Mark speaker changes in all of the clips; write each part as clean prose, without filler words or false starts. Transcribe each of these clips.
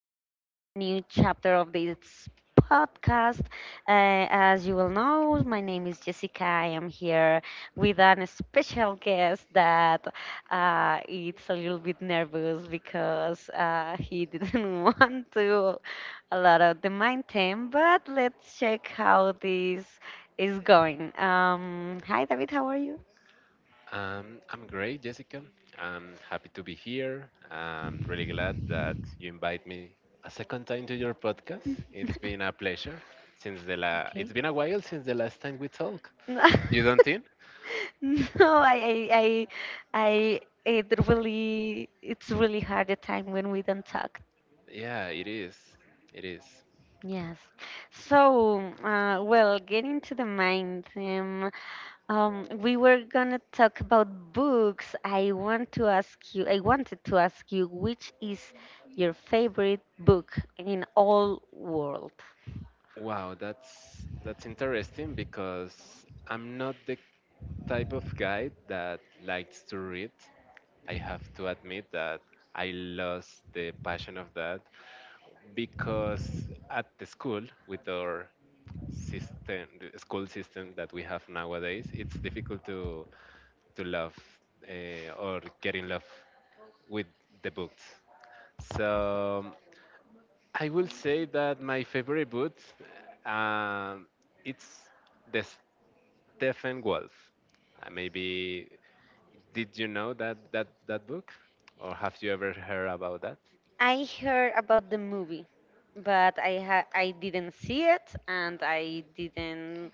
Speaker 1: here in a new chapter of this podcast. As you will know, my name is Jessica. I am here with an special guest that it's a little bit nervous because he didn't want to a lot of the main theme, but let's check how this is going. Hi, David. How are you?
Speaker 2: I'm great, Jessica. I'm happy to be here. I'm really glad that you invite me a second time to your podcast. It's been a pleasure since it's
Speaker 1: Okay.
Speaker 2: been a while since the last time we talked.
Speaker 1: No,
Speaker 2: You don't think?
Speaker 1: no, I, I, I, it's really hard at time when we don't talk.
Speaker 2: Yeah, it is. It is.
Speaker 1: Yes. So, well, getting to the mind, we were gonna talk about books. I wanted to ask you, which is your favorite book in all world?
Speaker 2: Wow, that's interesting because I'm not the type of guy that likes to read. I have to admit that I lost the passion of that because at the school with our system, the school system that we have nowadays, it's difficult to love, or get in love with the books. So I will say that my favorite book, um, it's the Stephen Wolf. Maybe did you know that book, or have you ever heard about that?
Speaker 1: I heard about the movie, but I didn't see it and I didn't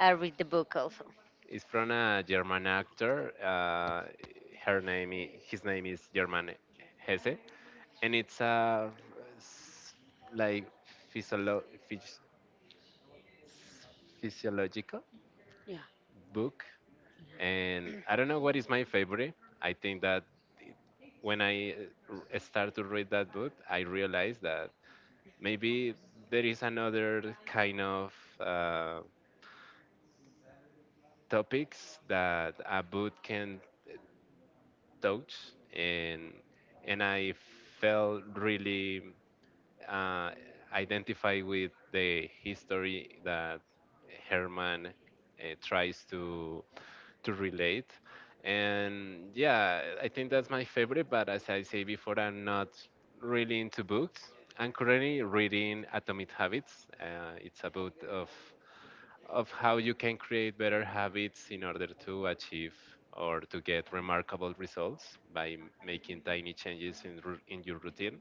Speaker 1: read the book also.
Speaker 2: It's from a German actor. Her name, his name is German Hesse, and it's a s- like physiolo- phys- physiological
Speaker 1: Yeah,
Speaker 2: book. And I don't know what is my favorite. I think that it- when I start to read that book, I realized that maybe there is another kind of uh, topics that a book can, thoughts, and I felt really, uh, identified with the history that Herman tries to relate. And yeah, I think that's my favorite. But as I say before, I'm not really into books. I'm currently reading Atomic Habits. It's a book of how you can create better habits in order to achieve or to get remarkable results by making tiny changes in, in your routine.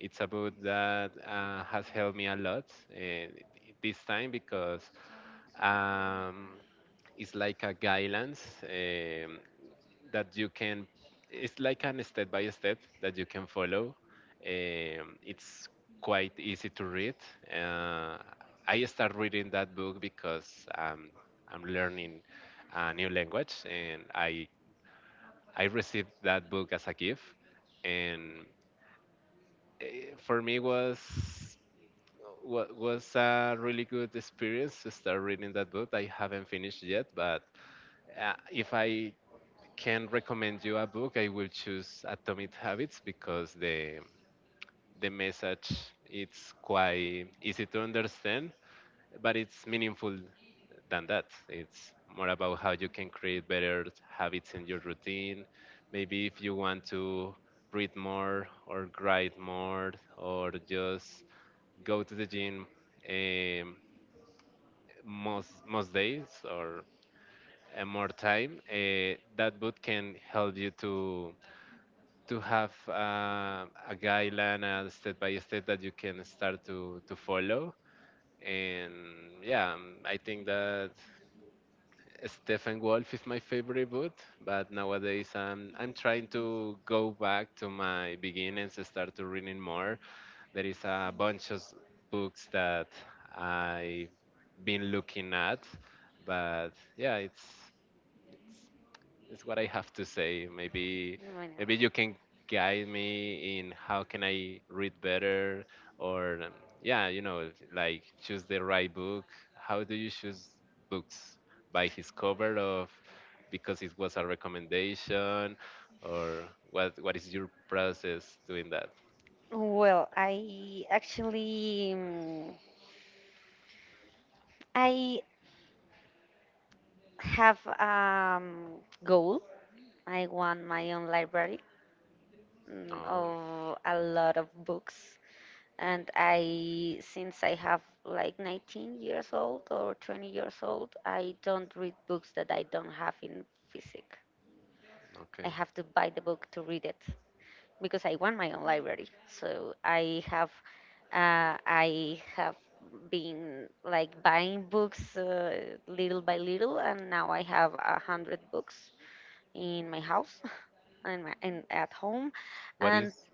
Speaker 2: It's a book that has helped me a lot uh, this time because, um, it's like a guidance. That you can, it's like an step by step that you can follow. It's quite easy to read. uh, I start reading that book because, I'm learning a new language and I received that book as a gift. And for me was was a really good experience to start reading that book. I haven't finished yet, but if I can recommend you a book, I will choose Atomic Habits because the message, it's quite easy to understand, but it's meaningful than that. It's more about how you can create better habits in your routine. Maybe if you want to read more or write more or just go to the gym, um, most days or more time, that book can help you to have a guideline, a step by step that you can start to follow. And yeah, I think that Stephen Wolf is my favorite book, but nowadays, I'm trying to go back to my beginnings and start to reading more. There is a bunch of books that I've been looking at, but yeah, it's what I have to say. Maybe
Speaker 1: right now.
Speaker 2: maybe you can guide me in how can I read better or, yeah, you know, like choose the right book. How do you choose books? By his cover of, because it was a recommendation, or what is your process doing that?
Speaker 1: Well, I have goal. I want my own library,
Speaker 2: Oh,
Speaker 1: of a lot of books, and I since I have like 19 years old or 20 years old, I don't read books that I don't have in physic. I
Speaker 2: okay.
Speaker 1: have to buy the book to read it because I want my own library, so I have been like buying books, little by little, and now I have 100 books in my house. And at home.
Speaker 2: What
Speaker 1: And
Speaker 2: is?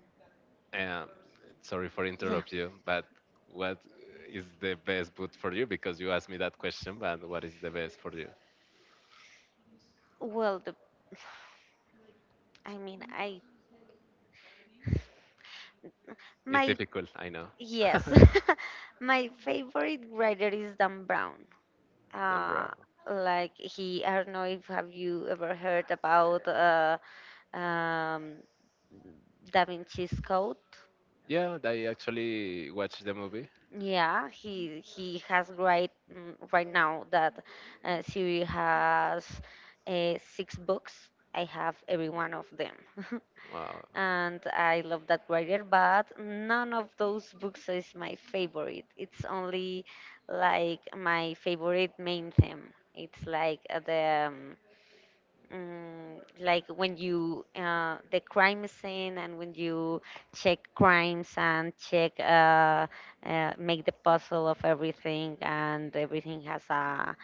Speaker 2: Um, Sorry for
Speaker 1: yeah,
Speaker 2: interrupt you, but what is the best boot for you? Because you asked me that question, but what is the best for you?
Speaker 1: well the, I mean I
Speaker 2: It's
Speaker 1: my
Speaker 2: difficult, I know.
Speaker 1: Yes, my favorite writer is Dan Brown.
Speaker 2: Dan
Speaker 1: Uh,
Speaker 2: Brown.
Speaker 1: like he, I don't know if have you ever heard about um, Da Vinci's Code.
Speaker 2: Yeah, I actually watched the movie.
Speaker 1: Yeah, he has right now that series has six books. I have every one of them.
Speaker 2: Wow.
Speaker 1: And I love that writer, but none of those books is my favorite. It's only like my favorite main theme. It's like the like when you the crime scene and when you check crimes and check make the puzzle of everything, and everything has a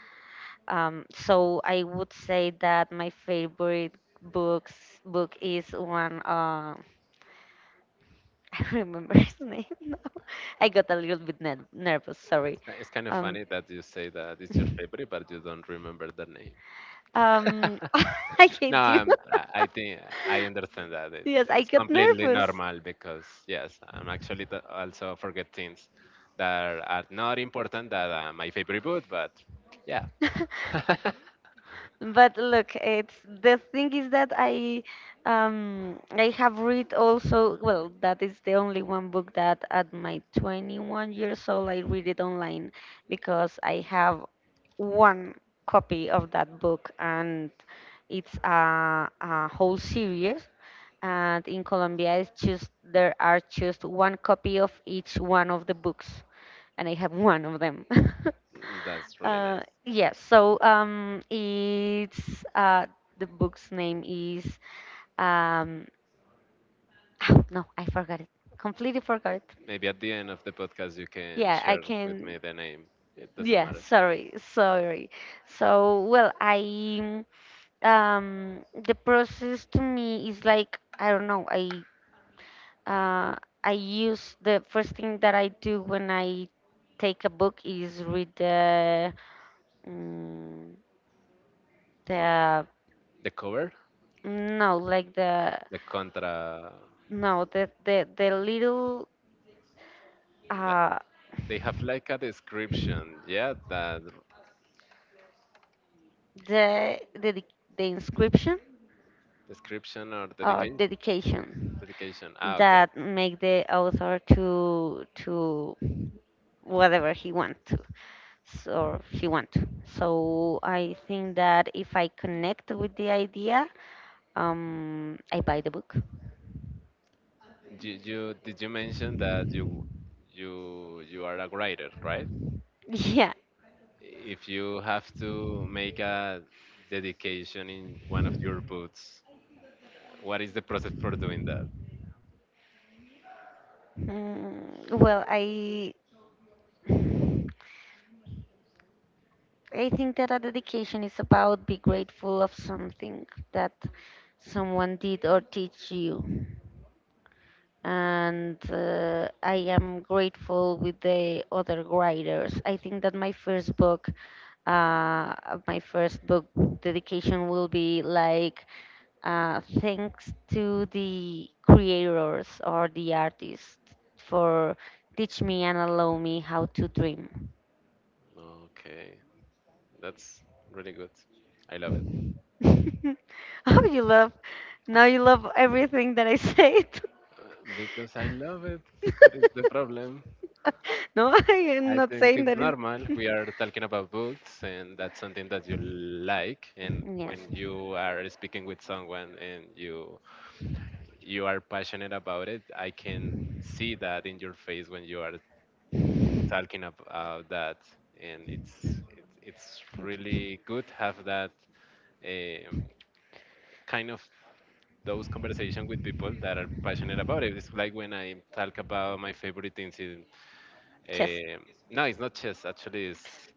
Speaker 1: so I would say that my favorite books book is one I remember his name now. I got a little bit nervous. Sorry.
Speaker 2: It's, it's kind of
Speaker 1: Um,
Speaker 2: funny that you say that it's your favorite, but you don't remember the name.
Speaker 1: I
Speaker 2: No,
Speaker 1: hate you.
Speaker 2: I think I understand that.
Speaker 1: Yes, I
Speaker 2: It's
Speaker 1: got
Speaker 2: completely
Speaker 1: nervous.
Speaker 2: normal because yes, I'm actually also forget things that are not important that are my favorite book, but yeah,
Speaker 1: But look, it's the thing is that I have read also. Well, that is the only one book that at my 21 years old I read it online because I have one copy of that book, and it's a whole series, and in Colombia, it's just there are just one copy of each one of the books, and I have one of them.
Speaker 2: that's really
Speaker 1: uh,
Speaker 2: nice.
Speaker 1: yes, so it's the book's name is um, no, I forgot it. Completely forgot it.
Speaker 2: Maybe at the end of the podcast you can
Speaker 1: Yeah, I
Speaker 2: share with
Speaker 1: can.
Speaker 2: me the name. It doesn't
Speaker 1: Yeah,
Speaker 2: matter.
Speaker 1: sorry, sorry. So, well, I the process to me is like I don't know. Uh, I use the first thing that I do when I take a book is read mm, the
Speaker 2: The cover,
Speaker 1: no like the
Speaker 2: the contra.
Speaker 1: no the the little
Speaker 2: the-
Speaker 1: uh
Speaker 2: They have like a description, yeah, that
Speaker 1: the inscription
Speaker 2: description or
Speaker 1: or
Speaker 2: dedication.
Speaker 1: dedication
Speaker 2: Dedication. Ah, okay.
Speaker 1: that make the author to whatever he want to or she want to. So I think that if I connect with the idea, I buy the book.
Speaker 2: You did you mention that you are a writer, right?
Speaker 1: Yeah.
Speaker 2: If you have to make a dedication in one of your books, what is the process for doing that?
Speaker 1: Well, I think that a dedication is about be grateful of something that someone did or teach you. And I am grateful with the other writers. I think that uh, my first book dedication will be like thanks to the creators or the artists for teach me and allow me how to dream.
Speaker 2: Okay, that's really good. I love it.
Speaker 1: Oh, you love everything that I said.
Speaker 2: Uh, Because I love it. What is the problem?
Speaker 1: No, I am
Speaker 2: I
Speaker 1: not
Speaker 2: think
Speaker 1: saying
Speaker 2: it's
Speaker 1: that is.
Speaker 2: normal. We are talking about books, and that's something that you like. And
Speaker 1: Yes.
Speaker 2: when you are speaking with someone and you are passionate about it. I can see that in your face when you are talking about that, and it's
Speaker 1: Thank you.
Speaker 2: really good to have that, um, kind of those conversation with people that are passionate about it. It's like when I talk about my favorite incident.
Speaker 1: Chess.
Speaker 2: No, it's not chess. Actually, it's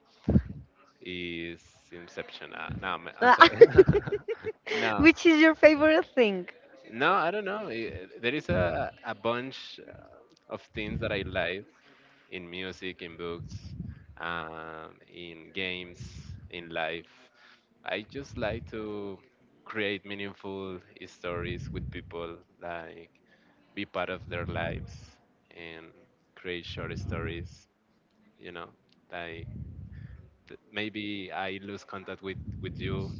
Speaker 2: is Inception. No, I'm sorry. No.
Speaker 1: Which is your favorite thing?
Speaker 2: No, I don't know. There is a bunch of things that I like in music, in books, in games, in life. I just like to create meaningful stories with people, like be part of their lives and create short stories, you know, like maybe I lose contact with you,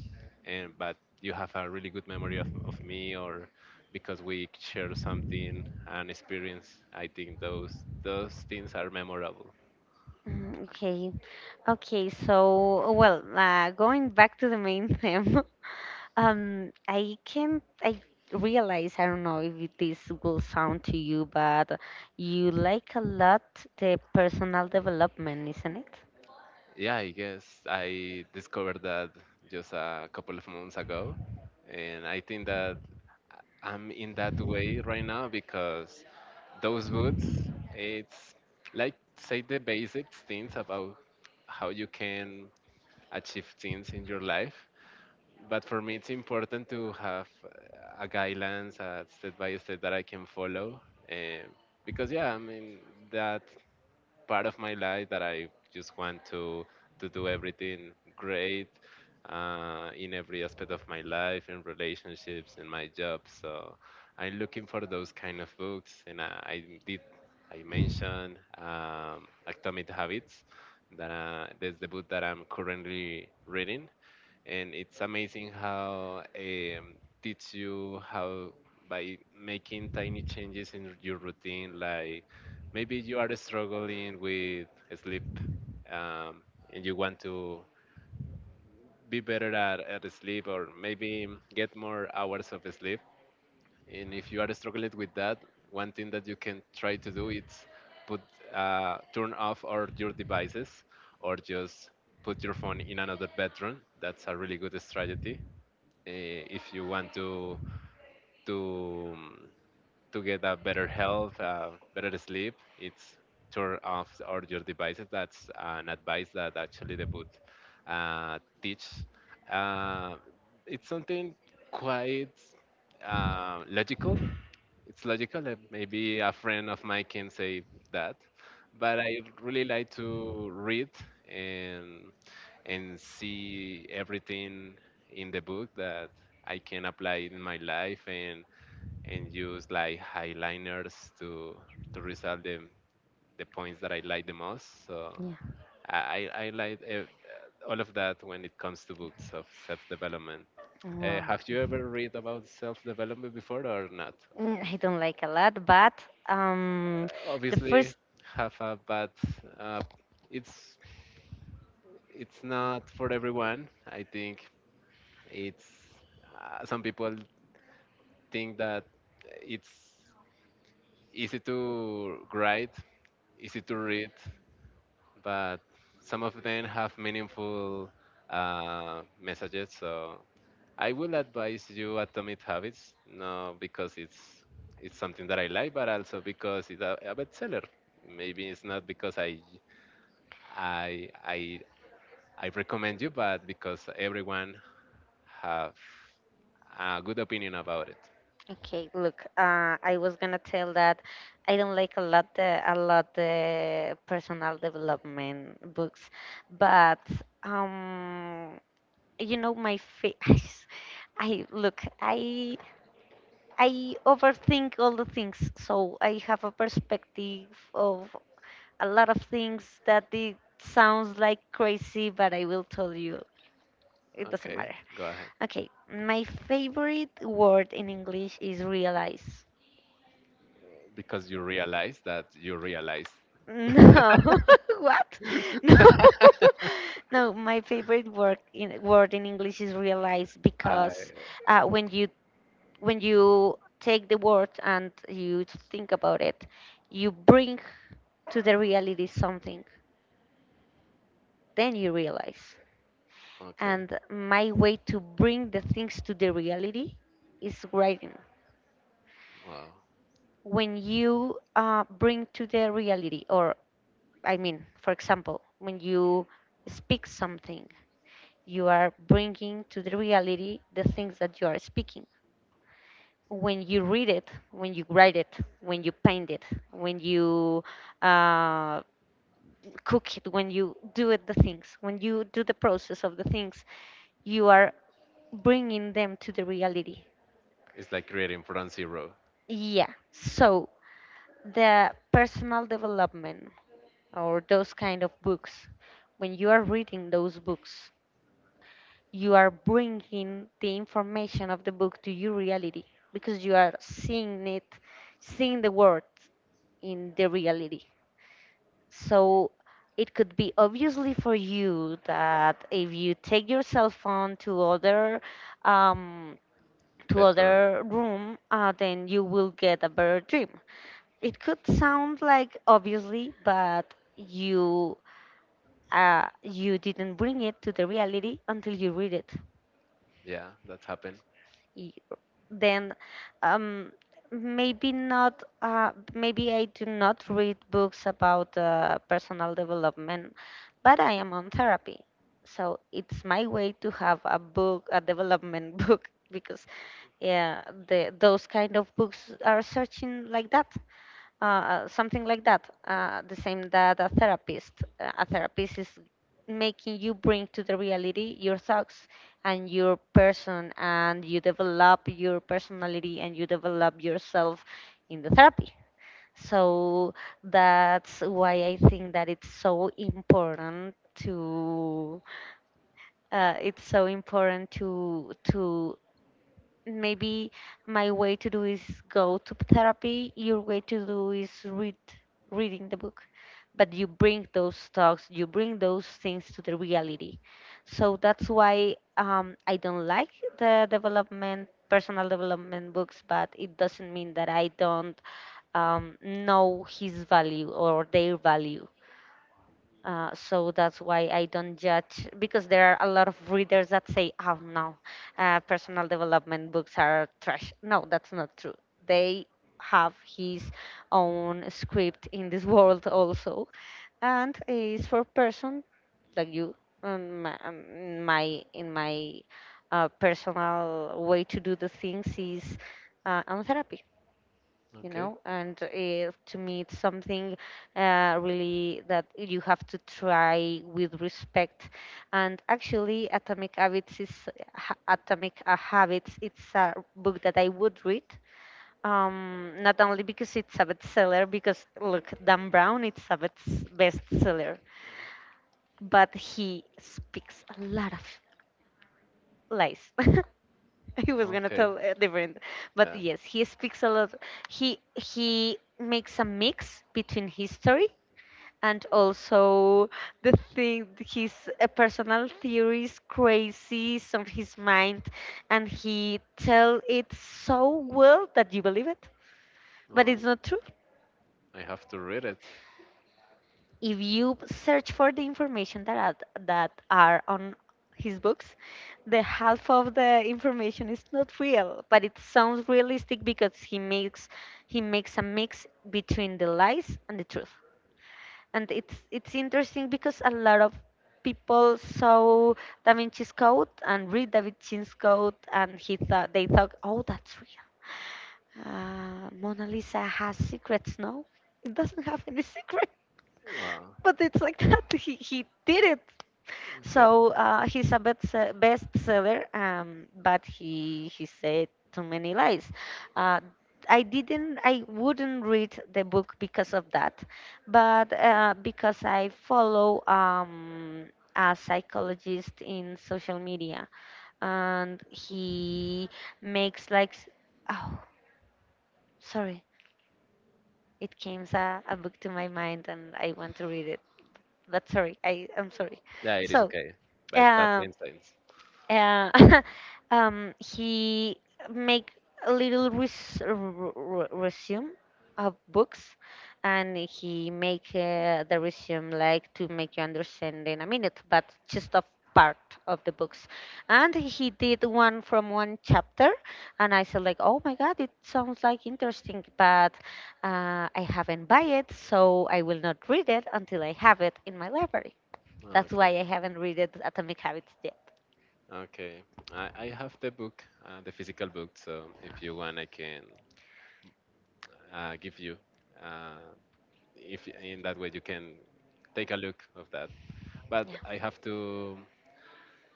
Speaker 2: and but you have a really good memory of me, or because we share something and experience. I think those things are memorable.
Speaker 1: Mm, okay. Okay, so well, going back to the main theme, I realize, I don't know if this will sound to you, but you like a lot the personal development, isn't it?
Speaker 2: Yeah, I guess I discovered that just a couple of months ago, and I think that I'm in that way right now because those boots, it's like say the basic things about how you can achieve things in your life, but for me it's important to have a guidelines, a step by step that I can follow. um, because yeah, I mean, that part of my life that I just want to do everything great, in every aspect of my life, in relationships, in my job. So I'm looking for those kind of books, and I did I mentioned, Atomic Habits, that that's the book that I'm currently reading. And it's amazing how, teach you how by making tiny changes in your routine, like maybe you are struggling with sleep, um, and you want to be better at sleep, or maybe get more hours of sleep. And if you are struggling with that, one thing that you can try to do is put, turn off all your devices, or just put your phone in another bedroom. That's a really good strategy. If you want to, to get a better health, better sleep, it's turn off all your devices. That's an advice that actually the book teach. Uh, it's something quite logical. It's logical that maybe a friend of mine can say that, but I really like to read and and see everything in the book that I can apply in my life, and use like highliners to resolve the points that I like the most. So
Speaker 1: Yeah.
Speaker 2: i I like, all of that when it comes to books of self-development.
Speaker 1: Wow.
Speaker 2: Have
Speaker 1: Yeah.
Speaker 2: you ever read about self-development before or not?
Speaker 1: I don't like a lot, but um, the
Speaker 2: Obviously
Speaker 1: first
Speaker 2: have a bad, uh, it's it's not for everyone, I think. It's, some people think that it's easy to write, easy to read, but some of them have meaningful messages. So I will advise you Atomic Habits, no because it's something that I like, but also because it's a bestseller. Maybe it's not because I I recommend you, but because everyone have a good opinion about it.
Speaker 1: okay, look, I was gonna tell that I don't like a lot the personal development books, but um, you know my face. I look I overthink all the things, so I have a perspective of a lot of things that it sounds like crazy, but I will tell you it doesn't
Speaker 2: Okay,
Speaker 1: matter.
Speaker 2: go ahead.
Speaker 1: Okay, my favorite word in English is realize.
Speaker 2: Because you realize that you realize.
Speaker 1: No, what? No, no, my favorite word in English is realize
Speaker 2: I
Speaker 1: because when you take the word and you think about it, you bring to the reality something, then you realize.
Speaker 2: okay.
Speaker 1: And my way to bring the things to the reality is writing.
Speaker 2: Wow,
Speaker 1: When you bring to the reality, or I mean, for example, when you speak something, you are bringing to the reality the things that you are speaking. When you read it, when you write it, when you paint it, when you uh, cook it, when you do it, the things, when you do the process of the things, you are bringing them to the reality.
Speaker 2: it's like creating from zero.
Speaker 1: Yeah. So the personal development or those kind of books, when you are reading those books, you are bringing the information of the book to your reality because you are seeing it, seeing the words in the reality. So it could be obviously for you that if you take your cell phone um, to
Speaker 2: Veteran.
Speaker 1: other room, then you will get a better dream. It could sound like obviously, but you didn't bring it to the reality until you read it.
Speaker 2: Yeah, that happened.
Speaker 1: y- then, um, maybe I do not read books about personal development, but I am on therapy, so it's my way to have a book a development book because yeah, those kind of books are searching like that, something like that. The same that a therapist is making you bring to the reality your thoughts and your person, and you develop your personality and you develop yourself in the therapy. So that's why I think that it's so important to maybe my way to do is go to therapy, your way to do is reading the book, but you bring those talks, you bring those things to the reality. So that's why I don't like the development personal development books, but it doesn't mean that I don't know his value or their value. So that's why I don't judge, because there are a lot of readers that say, "Oh no, personal development books are trash." No, that's not true. They have his own script in this world also, and is for person like you. My, my in my personal way to do the things is I'm a
Speaker 2: Okay.
Speaker 1: and to me it's something really that you have to try with respect, and actually atomic habits is atomic habits. It's a book that I would read, not only because it's a bestseller, because look, Dan Brown, it's a bestseller, but he speaks a lot of lies. He was gonna
Speaker 2: Okay.
Speaker 1: tell different, but
Speaker 2: Yeah.
Speaker 1: yes, he speaks a lot. He makes a mix between history and also the thing his personal theories, crazies on his mind, and he tell it so well that you believe it, but
Speaker 2: Wow.
Speaker 1: it's not true.
Speaker 2: I have to read it.
Speaker 1: If you search for the information that are on his books, the half of the information is not real, but it sounds realistic because he makes a mix between the lies and the truth. And it's interesting because a lot of people saw Da Vinci's Code and read Da Vinci's Code, and he thought they thought, oh, that's real. Mona Lisa has secrets, no? It doesn't have any secrets,
Speaker 2: Wow.
Speaker 1: but it's like that. He did it.
Speaker 2: Okay.
Speaker 1: So, he's a bestseller, but he said too many lies. Uh, I didn't. I wouldn't read the book because of that, but because I follow a psychologist in social media, and he makes like, oh, sorry, it came a book to my mind, and I want to read. But sorry. I'm sorry.
Speaker 2: Yeah, it is
Speaker 1: So,
Speaker 2: okay. But that
Speaker 1: uh,
Speaker 2: makes sense.
Speaker 1: uh, he make a little resume of books, and he make the resume like to make you understand in a minute, but just a part of the books. And he did one from one chapter, and I said like, oh my god, it sounds like interesting, but I haven't buy it, so I will not read it until I have it in my library. That's why
Speaker 2: Okay.
Speaker 1: I haven't read it atomic habits yet.
Speaker 2: Okay, I have the book, the physical book. So if you want, I can give you. Uh, if in that way you can take a look of that. But
Speaker 1: Yeah,
Speaker 2: I have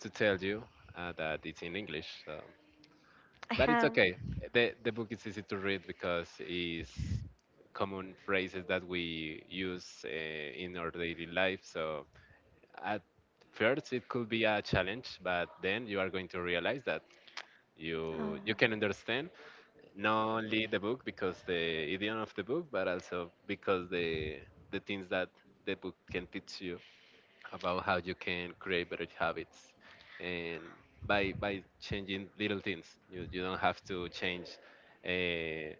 Speaker 2: to tell you that it's in English. So,
Speaker 1: I
Speaker 2: but it's
Speaker 1: have
Speaker 2: okay. The book is easy to read because it's common phrases that we use in our daily life. So at first it could be a challenge, but then you are going to realize that you
Speaker 1: um,
Speaker 2: you can understand not only the book because the idiom of the book, but also because the things that the book can teach you about how you can create better habits, and by changing little things, you don't have to change, uh,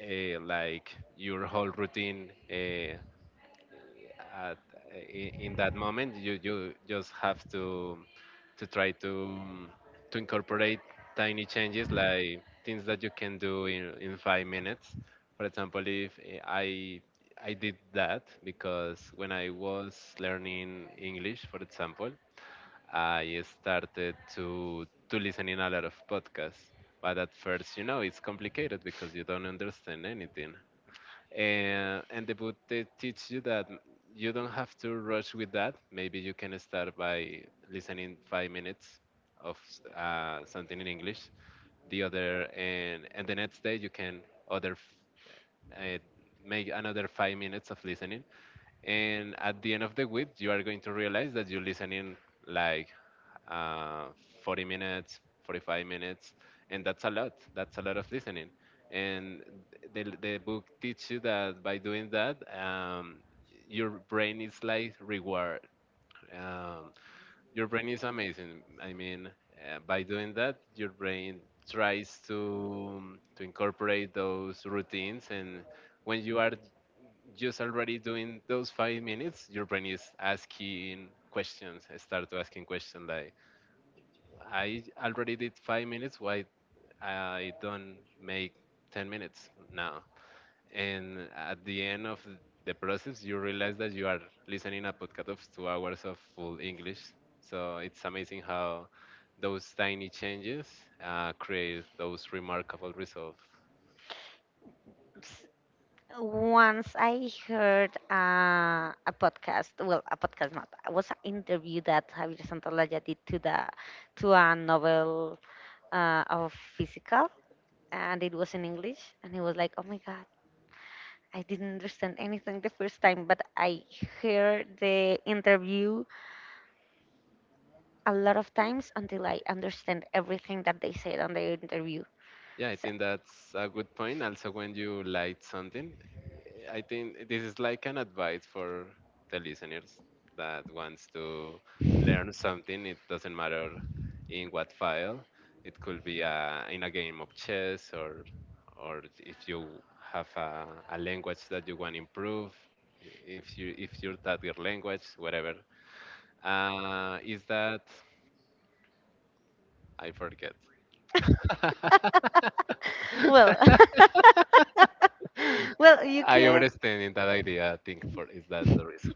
Speaker 2: like your whole routine. At in that moment you just have to try to incorporate tiny changes like things that you can do in 5 minutes. For example, if eh, I did that because when I was learning english, for example, I started to listen in a lot of podcasts. But at first, you know it's complicated because you don't understand anything. And the book, they teach you that you don't have to rush with that. Maybe you can start by listening 5 minutes of something in english. The other and and the next day you can other f- uh, make another 5 minutes of listening. And at the end of the week you are going to realize that you're listening like uh, 40 minutes, 45 minutes, and that's a lot. That's a lot of listening. And the book teaches you that by doing that, your brain is like reward. Um, your brain is amazing. I mean, by doing that, your brain tries to incorporate those routines, and when you are just already doing those 5 minutes, your brain is asking questions. Start to asking questions like, I already did 5 minutes. Why I don't make 10 minutes now? And at the end of the process, you realize that you are listening a podcast of 2 hours of full English. So it's amazing how those tiny changes create those remarkable results.
Speaker 1: s- once I heard a podcast. Well, a podcast not. It was an interview that Javier Santalaya did to the to a novel of physical, and it was in English. And it was like, oh my god, I didn't understand anything the first time, but I heard the interview a lot of times until I understand everything that they said on the interview.
Speaker 2: Yeah, I
Speaker 1: So,
Speaker 2: think that's a good point. Also, when you like something, I think this is like an advice for the listeners that wants to learn something. It doesn't matter in what file. It could be in a game of chess, or if you have a language that you want to improve, if you target language, whatever. Is that I forget.
Speaker 1: Well, well, you
Speaker 2: I
Speaker 1: can.
Speaker 2: understand in that idea. I think for is that's the risk,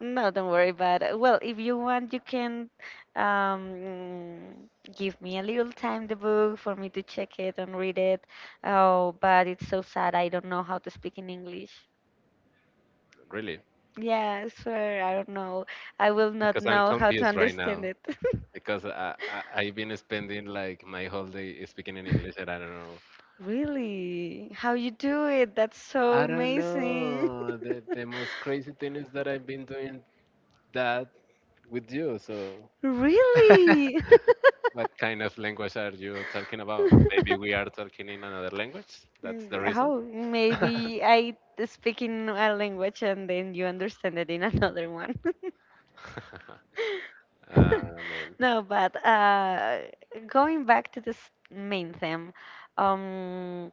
Speaker 1: No, don't worry about it. Well, if you want, you can um, give me a little time the book for me to check it and read it. Oh, but it's so sad. I don't know how to speak in English.
Speaker 2: really,
Speaker 1: Yeah, I swear, I don't know. I will not
Speaker 2: because I'm
Speaker 1: know how to
Speaker 2: confused right
Speaker 1: understand
Speaker 2: now
Speaker 1: it.
Speaker 2: because I I've been spending like my whole day speaking in English, and I don't know.
Speaker 1: Really? How you do it? That's so
Speaker 2: I don't
Speaker 1: amazing.
Speaker 2: know. The most crazy thing is that I've been doing that with you. So
Speaker 1: Really?
Speaker 2: what kind of language are you talking about? Maybe we are talking in another language. That's the reason.
Speaker 1: How? Maybe I speak in a language and then you understand it in another one.
Speaker 2: Ah man,
Speaker 1: No, but going back to this main theme, um,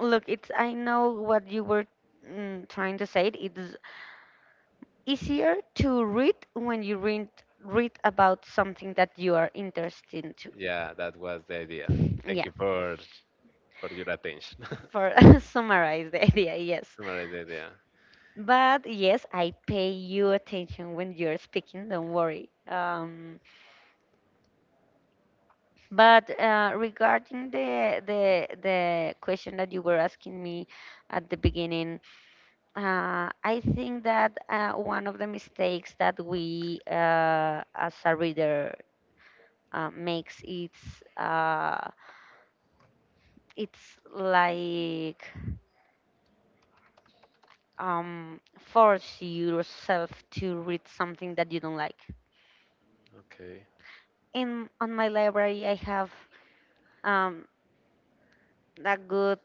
Speaker 1: look, it's I know what you were trying to say. It's easier to read when you read about something that you are interested into.
Speaker 2: yeah, that was the idea. Thank
Speaker 1: Yeah,
Speaker 2: you for your attention.
Speaker 1: for summarize the idea, yes.
Speaker 2: Similar idea. Yeah.
Speaker 1: But yes, I pay you attention when you're speaking. Don't worry. But regarding the question that you were asking me at the beginning, I think that one of the mistakes that we as a reader makes it's like force yourself to read something that you don't like.
Speaker 2: Okay.
Speaker 1: In on my library, I have um, a good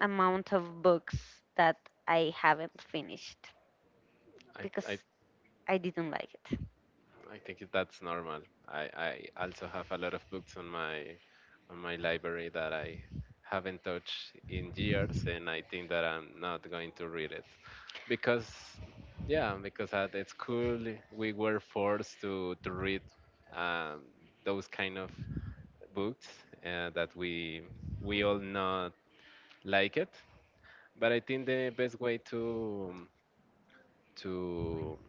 Speaker 1: amount of books that I haven't finished
Speaker 2: I
Speaker 1: because
Speaker 2: I
Speaker 1: I didn't like it.
Speaker 2: I think that's normal. I also have a lot of books on my library that I haven't touched in years, and I think that I'm not going to read it because, yeah, because at school we were forced to read um, those kind of books that we all not like it. But I think the best way to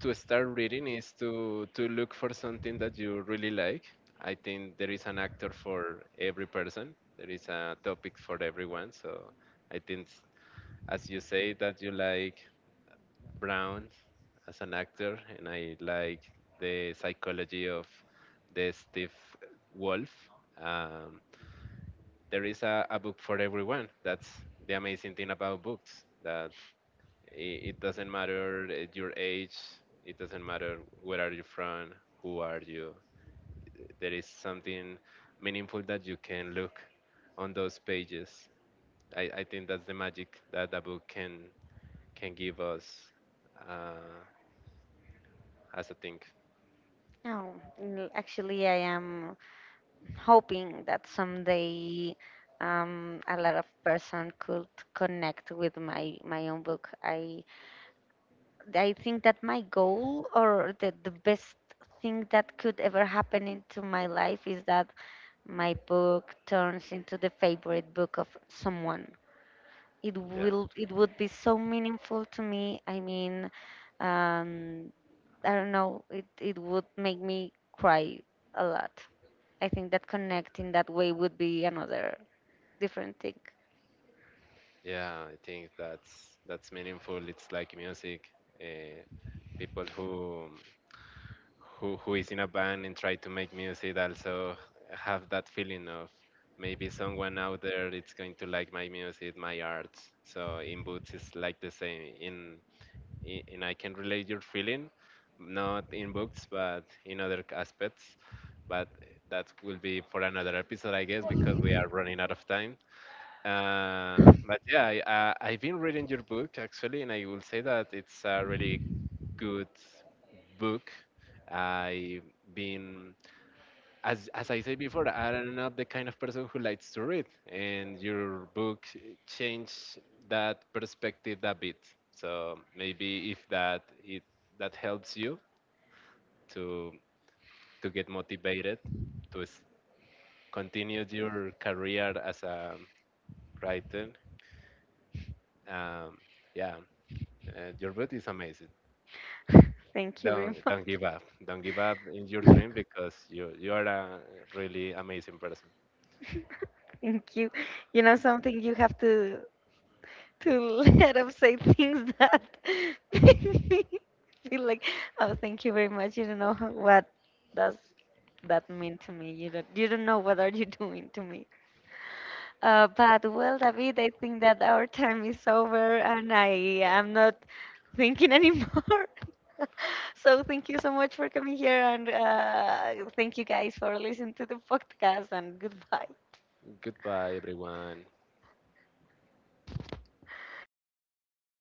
Speaker 2: to start reading is to look for something that you really like. I think there is an actor for every person. There is a topic for everyone. So I think, as you say, that you like Brown as an actor, and I like the psychology of the Steve Wolf. Um, there is a book for everyone. That's the amazing thing about books. That it doesn't matter your age. It doesn't matter where are you from, who are you. There is something meaningful that you can look on those pages. I think that's the magic that a book can give us uh, as a thing.
Speaker 1: No, actually, I am hoping that someday a lot of person could connect with my own book. I think that my goal, or the best thing that could ever happen into my life, is that my book turns into the favorite book of someone.
Speaker 2: Yeah,
Speaker 1: It would be so meaningful to me. I mean, um, I don't know, it would make me cry a lot. I think that connecting that way would be another different thing.
Speaker 2: yeah. I think that's meaningful. It's like music. Uh, people who is in a band and try to make music also have that feeling of maybe someone out there it's going to like my music, my arts. So in books it's like the same in and I can relate your feeling, not in books but in other aspects, but that will be for another episode I guess because we are running out of time. But yeah, I, I've been reading your book actually, and I will say that it's a really good book. I've been, as I said before, I'm not the kind of person who likes to read, and your book changed that perspective a bit. So maybe if that it that helps you to to get motivated to continue your career as a writer, um, yeah, your beauty is amazing.
Speaker 1: Thank you very
Speaker 2: Don't
Speaker 1: much.
Speaker 2: don't give up. Don't give up in your dream because you are a really amazing person.
Speaker 1: Thank you. You know something, you have to let him say things that make me feel like, oh, thank you very much. You don't know what does that mean to me. You don't know what are you doing to me. But well, David, I think that our time is over, and I am not thinking anymore. So thank you so much for coming here, and thank you guys for listening to the podcast. And goodbye.
Speaker 2: Goodbye, everyone.